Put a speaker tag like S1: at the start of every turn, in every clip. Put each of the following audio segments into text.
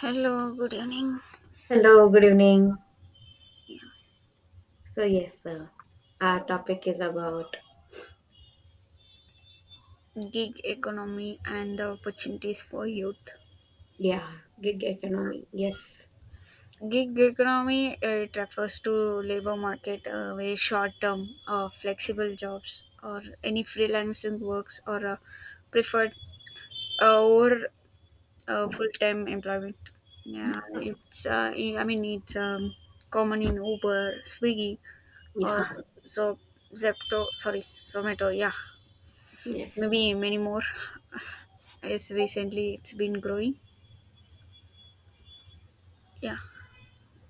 S1: Hello, good evening.
S2: Hello, good evening.
S1: Yeah.
S2: So yes, uh, our topic is about
S1: Gig economy and the opportunities for youth.
S2: yeah, gig economy. Yes,
S1: Gig economy it refers to labor market where short-term, flexible jobs or any freelancing works or preferred over full-time employment. Yeah, it's I mean it's common in Uber, Swiggy, or
S2: yeah,
S1: so Zepto. Sorry, Zomato. Yeah,
S2: yes.
S1: maybe many more. Yes, recently it's been growing. Yeah,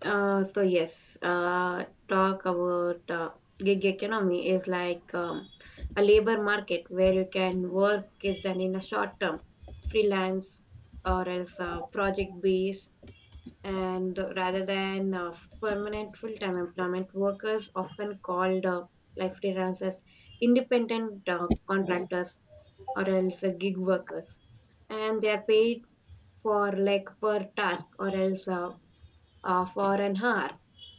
S2: Uh, so yes, uh, Talk about gig economy is like a labor market where you can work is done in a short term, freelance or else project based and rather than permanent full-time employment. Workers often called like freelancers, independent contractors, or else gig workers, and they are paid for like per task or else for an hour.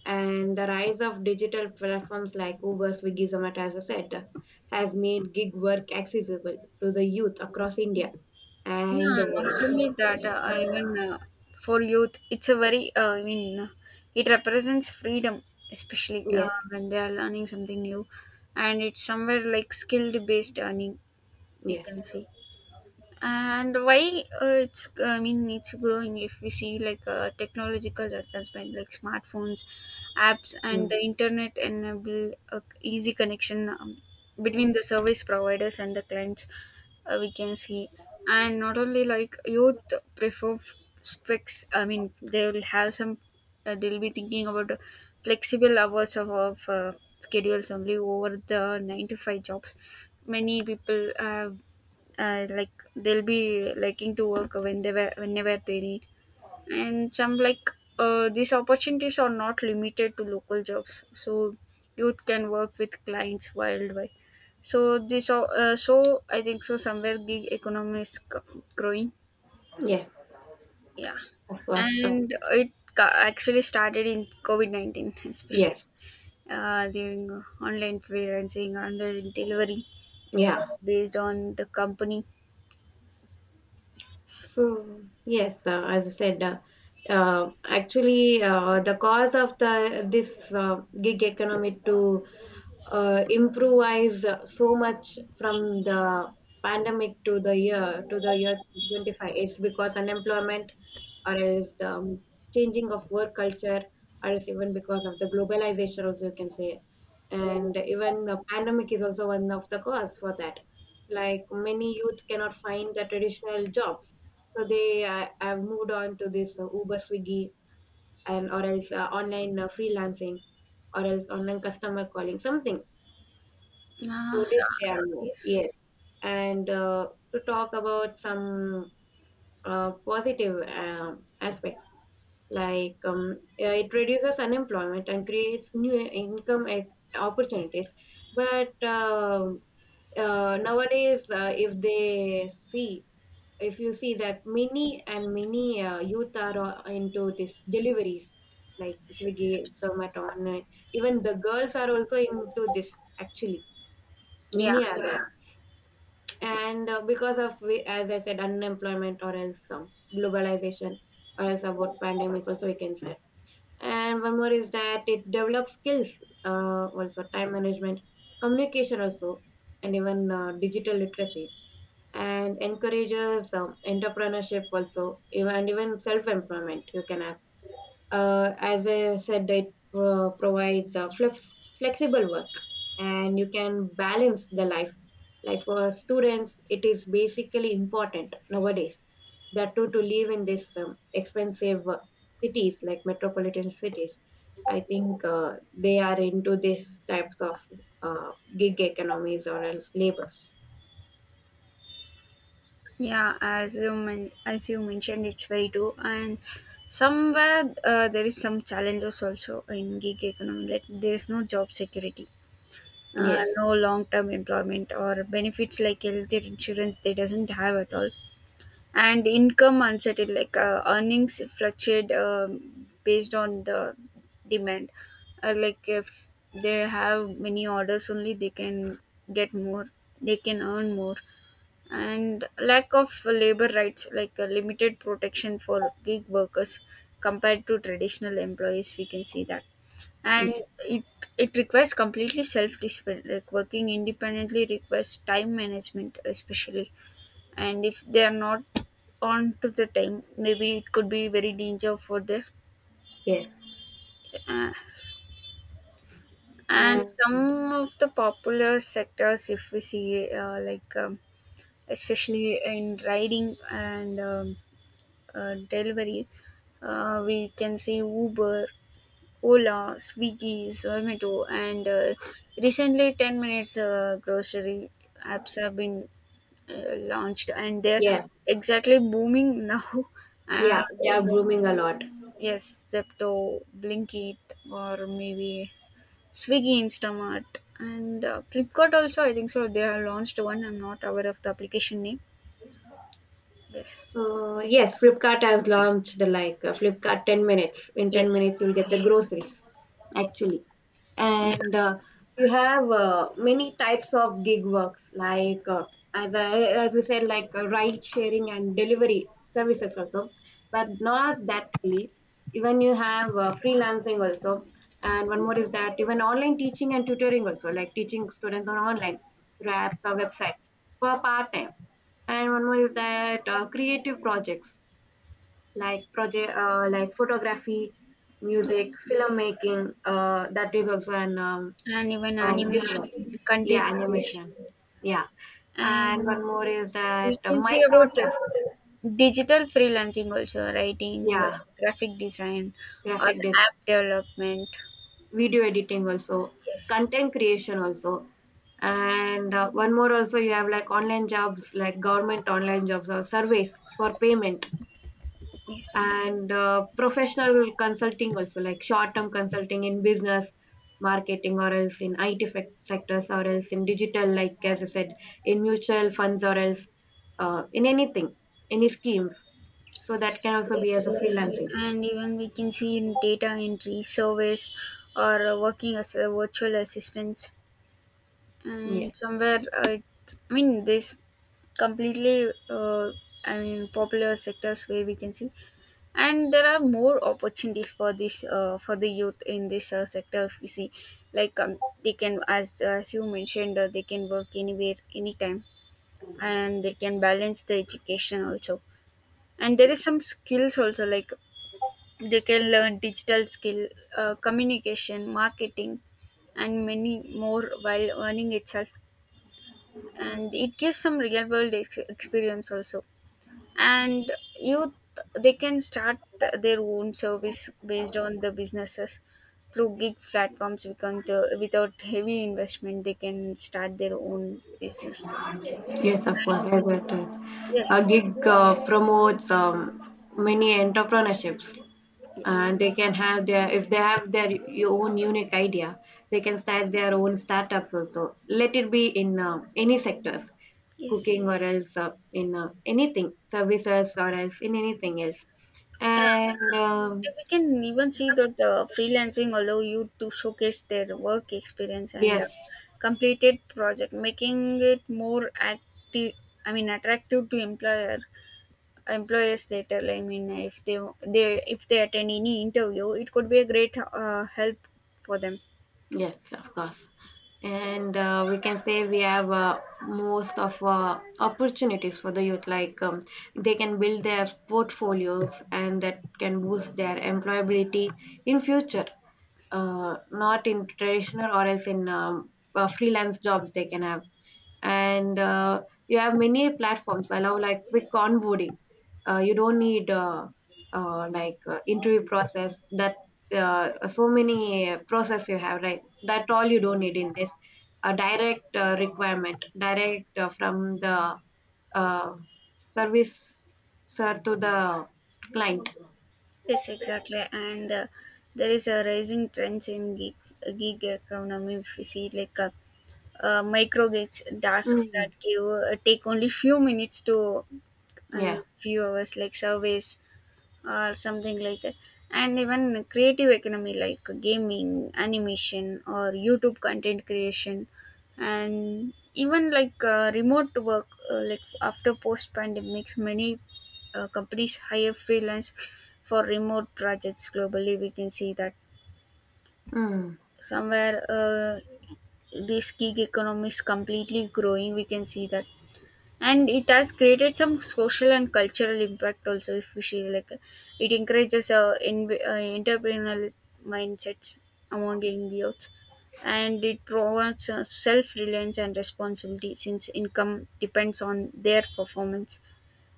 S2: And the rise of digital platforms like Uber, Swiggy, Zomato, as I said, has made gig work accessible to the youth across India and
S1: yeah.
S2: the
S1: Not only
S2: world.
S1: that, I even for youth, it's a very. I mean, it represents freedom, especially
S2: Yes,
S1: when they are learning something new, and it's somewhere like skilled based earning. You
S2: yes,
S1: can see. And why it's I mean it's growing if we see like technological advancement like smartphones apps and
S2: mm,
S1: the internet enable a easy connection between the service providers and the clients we can see, and not only like youth prefer specs I mean they will have some they'll be thinking about the flexible hours of schedules only over the 9 to 5 jobs many people have, like they'll be liking to work whenever they need, and some like these opportunities are not limited to local jobs, so youth can work with clients worldwide. So I think so somewhere gig economy is growing.
S2: yes,
S1: Yeah.
S2: of course.
S1: Actually started in covid-19, especially
S2: Yes,
S1: during online freelancing, online delivery, uh,
S2: yeah.
S1: based on the company.
S2: As I said, actually, the cause of the this gig economy to improvise so much from the pandemic to the year 2025 is because unemployment or else the changing of work culture, or else even because of the globalization, also you can say. And even the pandemic is also one of the cause for that. Like many youth cannot find the traditional jobs, so they have moved on to this Uber, Swiggy, and or else online freelancing, or else online customer calling, something.
S1: Uh,
S2: To
S1: so,
S2: this they are more,
S1: yes.
S2: yes. And to talk about some positive aspects like yeah, it reduces unemployment and creates new income opportunities. But Nowadays, if you see that many and many youth are into this deliveries like
S1: Yes, yes,
S2: Swiggy,
S1: yes.
S2: Zomato, online. Even the girls are also into this actually.
S1: Yeah,
S2: Many are there. And because of as I said, unemployment or else globalization or else about pandemic also we can say. And one more is that it develops skills, also time management, communication also, and even digital literacy, and encourages entrepreneurship also even, and even self-employment you can have. As I said, it provides flexible work, and you can balance the life. Like for students, it is basically important nowadays that to live in this expensive cities like metropolitan cities. I think they are into these types of uh, gig economies or else labors.
S1: yeah. As you mentioned, it's very true. And somewhere there is some challenges also in gig economy. Like there is no job security,
S2: Yes,
S1: no long term employment or benefits like health insurance. They doesn't have at all. And income uncertain like earnings fluctuate based on the demand, like if they have many orders only they can get more, they can earn more. And lack of labor rights, like limited protection for gig workers compared to traditional employees, we can see that. And
S2: yes,
S1: it it requires completely self discipline, like working independently requires time management especially, and if they are not on to the time maybe it could be very danger for their
S2: yes,
S1: ass. And
S2: and
S1: some of the popular sectors if we see especially in riding and delivery, we can see uber, ola, swiggy, zomato, and recently 10 minutes grocery apps have been launched, and they're
S2: yes,
S1: exactly booming now.
S2: yeah, they are
S1: The
S2: booming a lot.
S1: Yes, Zepto, Blinkit, or maybe Swiggy, Instamart, and Flipkart also. I think so. They have launched one. I'm not aware of the application name. Yes,
S2: So yes, Flipkart has launched the like Flipkart 10 minutes. In 10
S1: yes,
S2: minutes, you'll get the groceries. Actually, and you have many types of gig works like as we said, like ride sharing and delivery services also, but not that only. Even you have freelancing also, and one more is that even online teaching and tutoring also, like teaching students on online through apps or website for part time. And one more is that creative projects, like photography, music,
S1: yes,
S2: filmmaking, that is also an
S1: and even animation,
S2: genre. Yeah,
S1: content creation,
S2: animation, yeah, and
S1: and
S2: one more is
S1: we
S2: that
S1: can say
S2: micro
S1: about
S2: task,
S1: digital freelancing also, writing,
S2: yeah,
S1: graphic design, or
S2: graphic design,
S1: app development.
S2: video editing also,
S1: Yes,
S2: content creation also. And one more also you have, like online jobs, like government online jobs or surveys for payment.
S1: yes.
S2: And professional consulting also, like short term consulting in business, marketing, or else in sectors, or else in digital, like as I said, in mutual funds or else in anything, any schemes, so that can also be
S1: Yes,
S2: as a
S1: exactly.
S2: freelancing.
S1: And even we can see in data entry, surveys, or working as a virtual assistants. And
S2: Yes.
S1: somewhere, I mean, this completely, I mean, popular sectors where we can see. And there are more opportunities for this, for the youth in this sector. If you see, like they can, as you mentioned, they can work anywhere, anytime, and they can balance the education also. And there is some skills also like they can learn digital skill, communication, marketing, and many more while earning itself. And it gives some real world experience also. And youth, they can start their own service based on the businesses through gig platforms. We can, without heavy investment, they can start their own business.
S2: Yes, of course, as it is. A
S1: Yes,
S2: gig promotes many entrepreneurships,
S1: yes,
S2: and they can have their, if they have their own unique idea, they can start their own startups also. Let it be in any sectors,
S1: yes.
S2: cooking or else in anything, services, or else in anything else. And
S1: We can even see that freelancing allow you to showcase their work experience and
S2: yes.
S1: completed project, making it more active, I mean attractive to employers later. I mean, they if they attend any interview it could be a great help for them.
S2: Yes, of course. And we can say we have most of opportunities for the youth, like they can build their portfolios and that can boost their employability in future. Not in traditional or else in freelance jobs they can have. And you have many platforms allow like quick onboarding. You don't need interview process, that so many process you have, right? That all you don't need in this. A direct requirement direct from the uh, service sir to the client.
S1: Yes, exactly. And there is a rising trends in gig economy if you see, like micro gigs tasks that
S2: Mm,
S1: give take only few minutes to
S2: yeah,
S1: few hours, like surveys or something like that. And even creative economy like gaming, animation, or youtube content creation. And even like remote work, like after post pandemic many companies hire freelance for remote projects globally, we can see that.
S2: mm.
S1: Somewhere this gig economy is completely growing, we can see that. And it has created some social and cultural impact also, if we see, like it encourages entrepreneurial mindsets among young youth. And it promotes self-reliance and responsibility since income depends on their performance.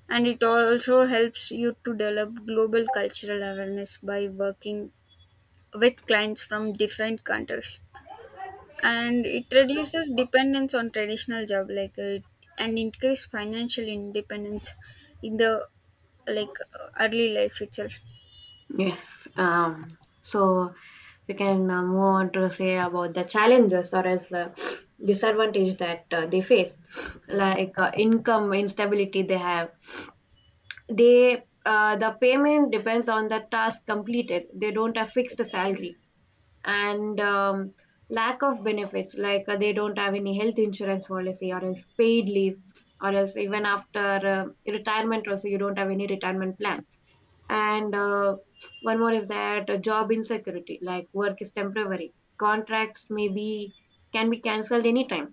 S1: And it also helps you to develop global cultural awareness by working with clients from different countries. And it reduces dependence on traditional job like and increase financial independence in the like early life itself.
S2: Yes. Um, so we can move on to say about the challenges or as disadvantage that they face, like income instability they have. They the payment depends on the task completed. They don't have
S1: Yes,
S2: fixed
S1: exactly.
S2: salary. And lack of benefits, like they don't have any health insurance policy or else paid leave, or else even after retirement also, you don't have any retirement plans. And one more is that job insecurity, like work is temporary, contracts may be can be cancelled anytime,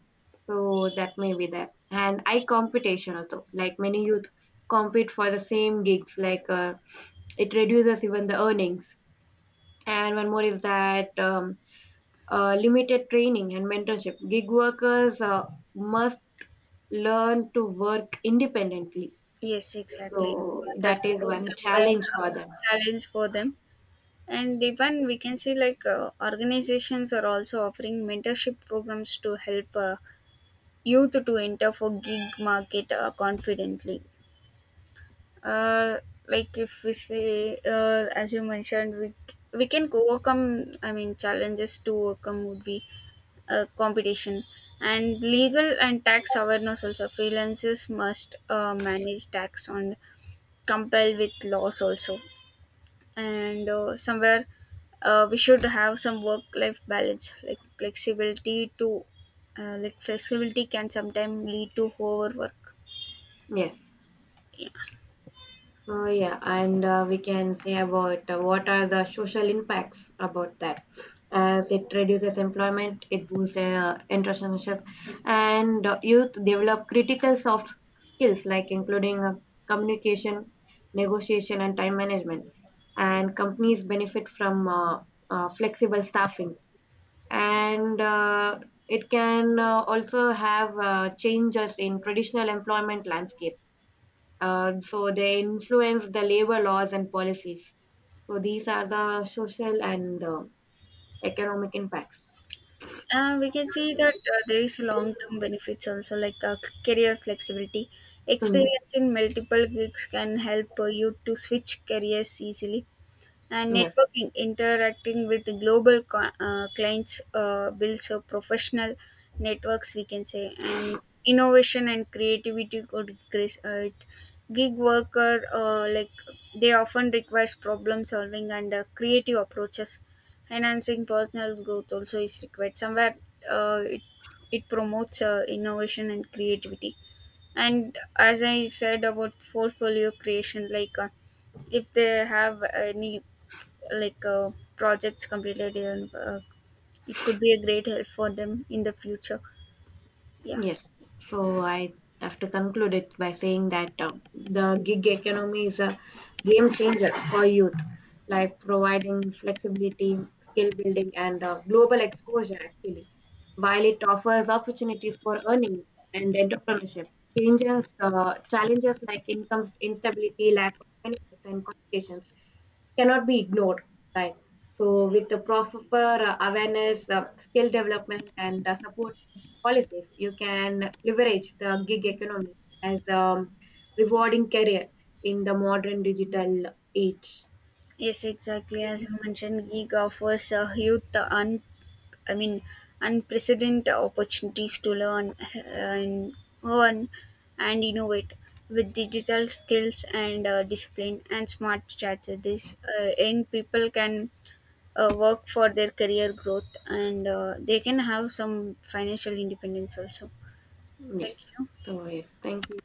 S2: so that may be there. And high competition also, like many youth compete for the same gigs, like it reduces even the earnings. And one more is that limited training and mentorship. Gig workers must learn to work independently.
S1: Yes, exactly.
S2: So
S1: That
S2: that
S1: could
S2: is
S1: be
S2: one
S1: somewhere
S2: challenge
S1: uh,
S2: for them.
S1: challenge for them. And even we can see like organizations are also offering mentorship programs to help youth to enter for gig market confidently, uh, like if we say as you mentioned, we can overcome, I mean challenges to overcome would be competition, and legal and tax awareness also. Freelancers must manage tax and comply with laws also, and somewhere we should have some work life balance. Like flexibility to like flexibility can sometimes lead to overwork.
S2: Yes. Oh yeah, and we can say about what are the social impacts about that. As it reduces employment, it boosts entrepreneurship, and youth develop critical soft skills like including communication, negotiation, and time management. And companies benefit from flexible staffing, and it can also have changes in traditional employment landscape, so they influence the labor laws and policies. So these are the social and economic impacts.
S1: We can see that there is long-term benefits also, like career flexibility.
S2: Mm,
S1: Experience in multiple gigs can help you to switch careers easily, and
S2: yes.
S1: networking, interacting with global clients builds a professional networks, we can say. And innovation and creativity could increase it. Gig worker, like they often requires problem solving and creative approaches, enhancing personal growth also is required somewhere. uh, it, it promotes innovation and creativity. And as I said about portfolio creation, like if they have any like projects completed and it could be a great help for them in the future. Yeah.
S2: Yes. So I have to conclude it by saying that the gig economy is a game changer for youth, like providing flexibility, skill building, and global exposure actually. While it offers opportunities for earning and entrepreneurship, changes, challenges like income instability, lack of benefits, and complications cannot be ignored, right? So with the proper awareness, skill development, and support policies, you can leverage the gig economy as a rewarding career in the modern digital age.
S1: Yes, exactly. As you mentioned, gig offers youth i mean unprecedented opportunities to learn and earn and innovate. With digital skills and discipline and smart strategies, young people can work for their career growth, and they can have some financial independence also. Thank
S2: Yes.
S1: you.
S2: So, yes, thank you.